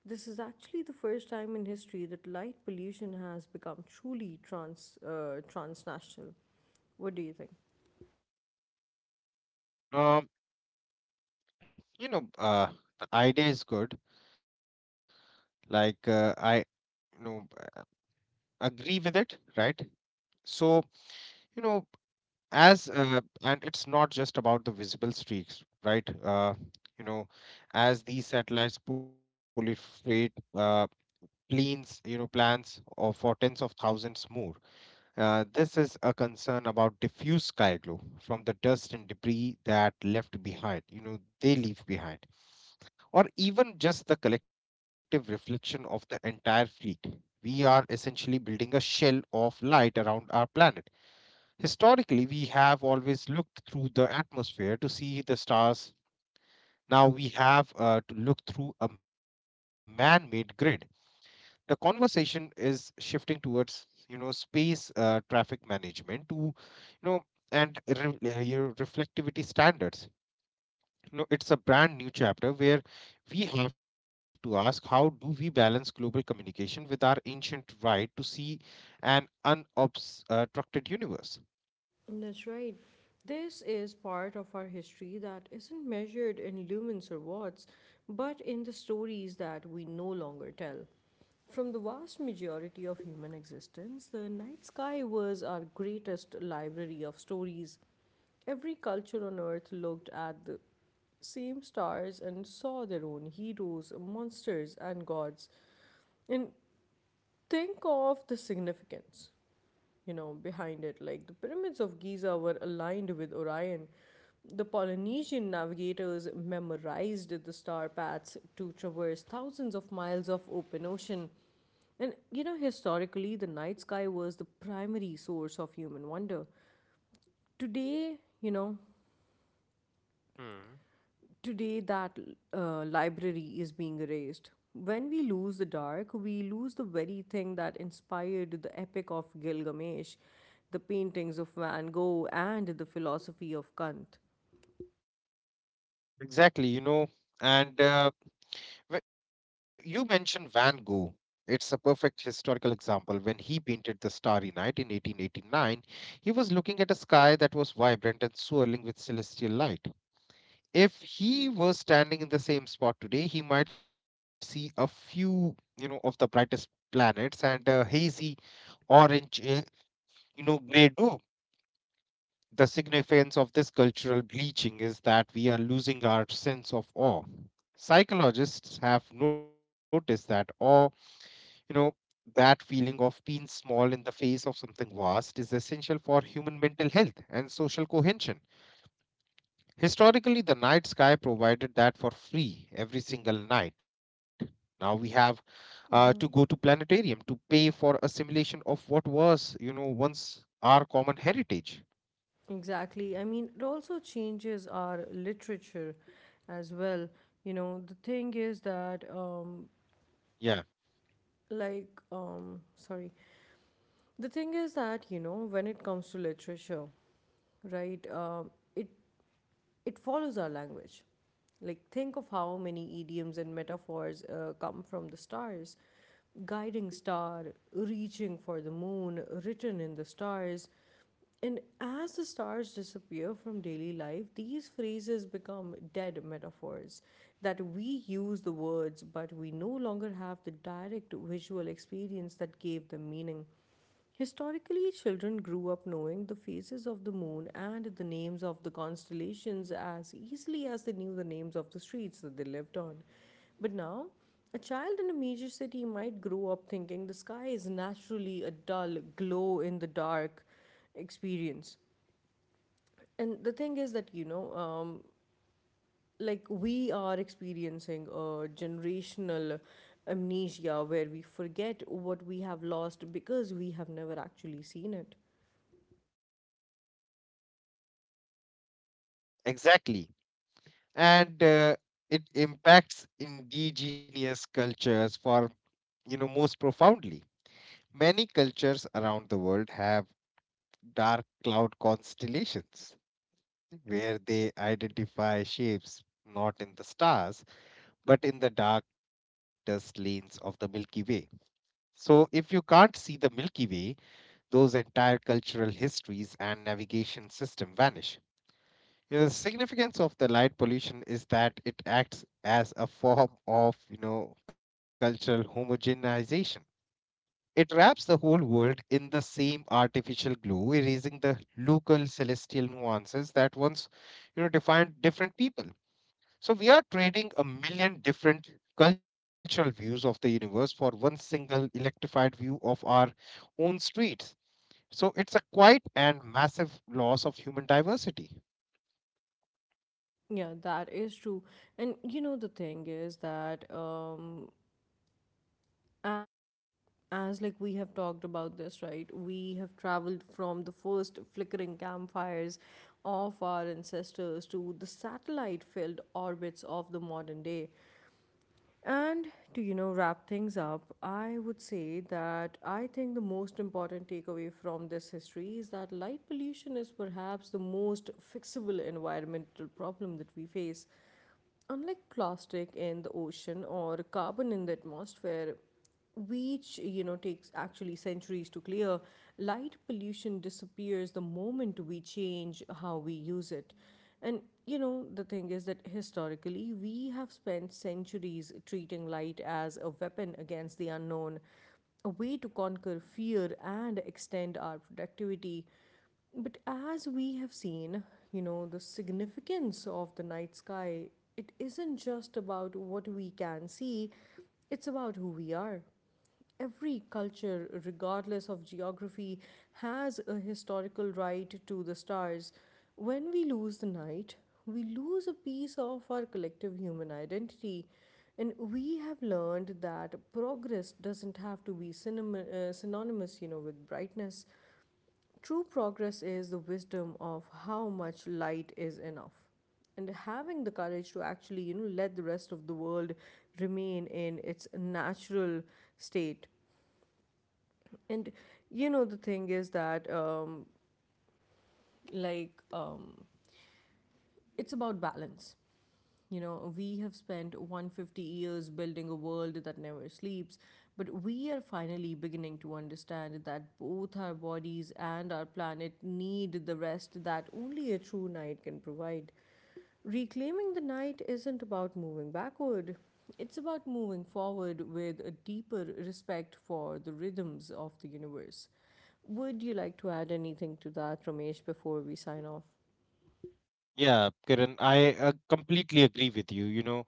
[SPEAKER 1] This is actually the first time in history that light pollution has become truly transnational. What do you think?
[SPEAKER 2] Um, you know, uh, the idea is good. Like you know, agree with it, right? So, you know, as and it's not just about the visible streaks, right? You know, as these satellites proliferate, planes you know plans of for tens of thousands more. This is a concern about diffuse sky glow from the dust and debris that left behind you know they leave behind, or even just the collective reflection of the entire fleet. We are essentially building a shell of light around our planet. Historically, we have always looked through the atmosphere to see the stars. Now we have, to look through a man-made grid. The conversation is shifting towards, you know, space traffic management, to, you know, and re- your reflectivity standards. You know, it's a brand new chapter where we have to ask, how do we balance global communication with our ancient right to see an unobstructed universe?
[SPEAKER 1] That's right. This is part of our history that isn't measured in lumens or watts, but in the stories that we no longer tell. From the vast majority of human existence, the night sky was our greatest library of stories. Every culture on earth looked at the same stars and saw their own heroes, monsters, and gods. And think of the significance, you know, behind it. Like the pyramids of Giza were aligned with Orion. The Polynesian navigators memorized the star paths to traverse thousands of miles of open ocean. Historically, the night sky was the primary source of human wonder. Today, you know,
[SPEAKER 2] Hmm.
[SPEAKER 1] Today, that library is being erased. When we lose the dark, we lose the very thing that inspired the epic of Gilgamesh, the paintings of Van Gogh, and the philosophy of Kant.
[SPEAKER 2] Exactly, you know, and you mentioned Van Gogh. It's a perfect historical example. When he painted The Starry Night in 1889, he was looking at a sky that was vibrant and swirling with celestial light. If he was standing in the same spot today, he might see a few, you know, of the brightest planets and a hazy orange, you know, gray dome. The significance of this cultural bleaching is that we are losing our sense of awe. Psychologists have noticed that awe, you know, that feeling of being small in the face of something vast is essential for human mental health and social cohesion. Historically, the night sky provided that for free every single night. Now we have, to go to planetarium to pay for a simulation of what was, you know, once our common heritage.
[SPEAKER 1] Exactly. I mean, it also changes our literature as well. You know, the thing is that,
[SPEAKER 2] Yeah,
[SPEAKER 1] like, sorry, the thing is that, you know, When it comes to literature, right, um, it it follows our language. Like, think of how many idioms and metaphors come from the stars. Guiding star, reaching for the moon, written in the stars. And as the stars disappear from daily life, these phrases become dead metaphors that we use the words, but we no longer have the direct visual experience that gave them meaning. Historically, children grew up knowing the phases of the moon and the names of the constellations as easily as they knew the names of the streets that they lived on. But now, a child in a major city might grow up thinking the sky is naturally a dull, glow in the dark experience. And the thing is that, you know, like we are experiencing a generational amnesia where we forget what we have lost because we have never actually seen it.
[SPEAKER 2] exactly. And it impacts indigenous cultures, for, you know, most profoundly. Many cultures around the world have dark cloud constellations, where they identify shapes not in the stars but in the dark dust lanes of the Milky Way. So, if you can't see the Milky Way, those entire cultural histories and navigation system vanish. You know, the significance of the light pollution is that it acts as a form of, you know, cultural homogenization. It wraps the whole world in the same artificial glow, erasing the local celestial nuances that once, you know, defined different people. So we are trading a million different cultural views of the universe for one single electrified view of our own streets. So it's a quite and massive loss of human diversity.
[SPEAKER 1] Yeah, that is true. And you know, the thing is that a- as like we have talked about this, right? We have traveled from the first flickering campfires of our ancestors to the satellite-filled orbits of the modern day. And to, you know, Wrap things up, I would say that I think the most important takeaway from this history is that light pollution is perhaps the most fixable environmental problem that we face. Unlike plastic in the ocean or carbon in the atmosphere, which takes actually centuries to clear, light pollution disappears the moment we change how we use it. And you know the thing is that historically, we have spent centuries treating light as a weapon against the unknown, a way to conquer fear and extend our productivity. But as we have seen, the significance of the night sky, it isn't just about what we can see, it's about who we are. Every culture, regardless of geography, has a historical right to the stars. When we lose the night, we lose a piece of our collective human identity. And we have learned that progress doesn't have to be synonymous with brightness. True progress is the wisdom of how much light is enough and having the courage to actually let the rest of the world remain in its natural state. And you know the thing is that like It's about balance. You know, we have spent 150 years building a world that never sleeps, but we are finally beginning to understand that both our bodies and our planet need the rest that only a true night can provide. Reclaiming the night isn't about moving backward, it's about moving forward with a deeper respect for the rhythms of the universe. Would you like to add anything to that, Ramesh, before we sign off?
[SPEAKER 2] Yeah, Kiran, I completely agree with you. You know,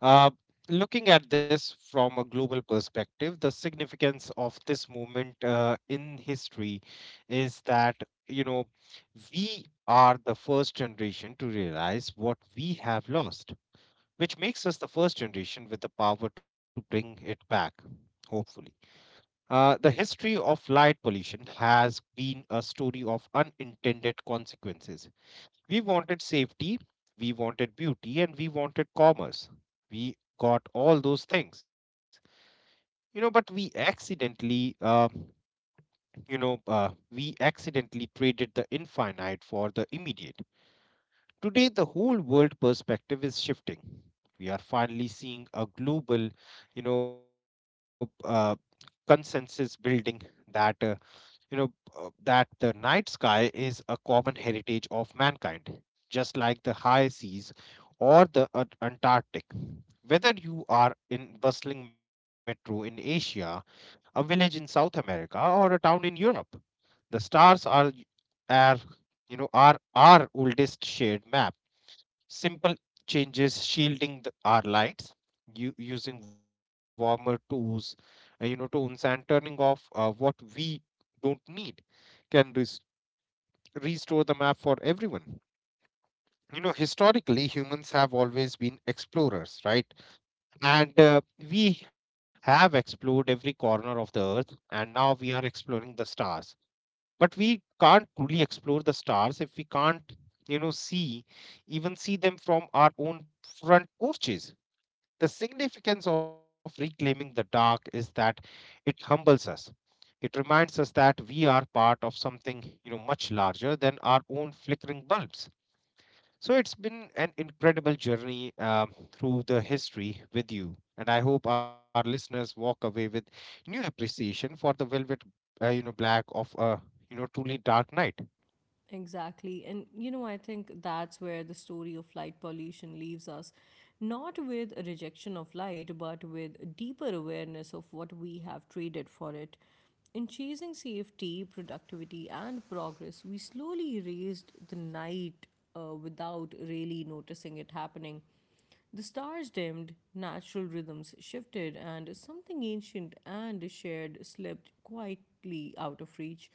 [SPEAKER 2] uh, looking at this from a global perspective, the significance of this moment in history is that, you know, we are the first generation to realize what we have lost, which makes us the first generation with the power to bring it back, hopefully. The history of light pollution has been a story of unintended consequences. We wanted safety, we wanted beauty, and we wanted commerce. We got all those things, you know, but we accidentally traded the infinite for the immediate. Today, the whole world perspective is shifting. We are finally seeing a global, you know, consensus building that you know that the night sky is a common heritage of mankind, just like the high seas or the Antarctic. Whether you are in bustling metro in Asia, a village in South America, or a town in Europe, the stars are you know are our oldest shared map. Simple changes, shielding our lights, using warmer tools you know tones, and turning off what we don't need, can restore the map for everyone. You know, historically, humans have always been explorers, right? And we have explored every corner of the earth, and now we are exploring the stars. But we can't truly explore the stars if we can't, you know, see, even see them from our own front porches. The significance of reclaiming the dark is that it humbles us. It reminds us that we are part of something, you know, much larger than our own flickering bulbs. So it's been an incredible journey through the history with you, and I hope our listeners walk away with new appreciation for the velvet, you know, black of a, you know, truly dark night.
[SPEAKER 1] Exactly. I think that's where the story of light pollution leaves us, not with a rejection of light, but with a deeper awareness of what we have traded for it. In chasing safety, productivity, and progress, we slowly raised the night without really noticing it happening. The stars dimmed, natural rhythms shifted, and something ancient and shared slipped quietly out of reach.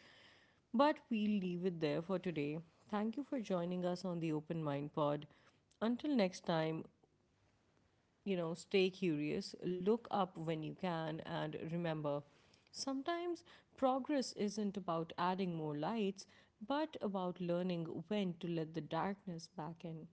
[SPEAKER 1] But we'll leave it there for today. Thank you for joining us on the Open Mind Pod. Until next time, stay curious, look up when you can, and remember sometimes progress isn't about adding more lights, but about learning when to let the darkness back in.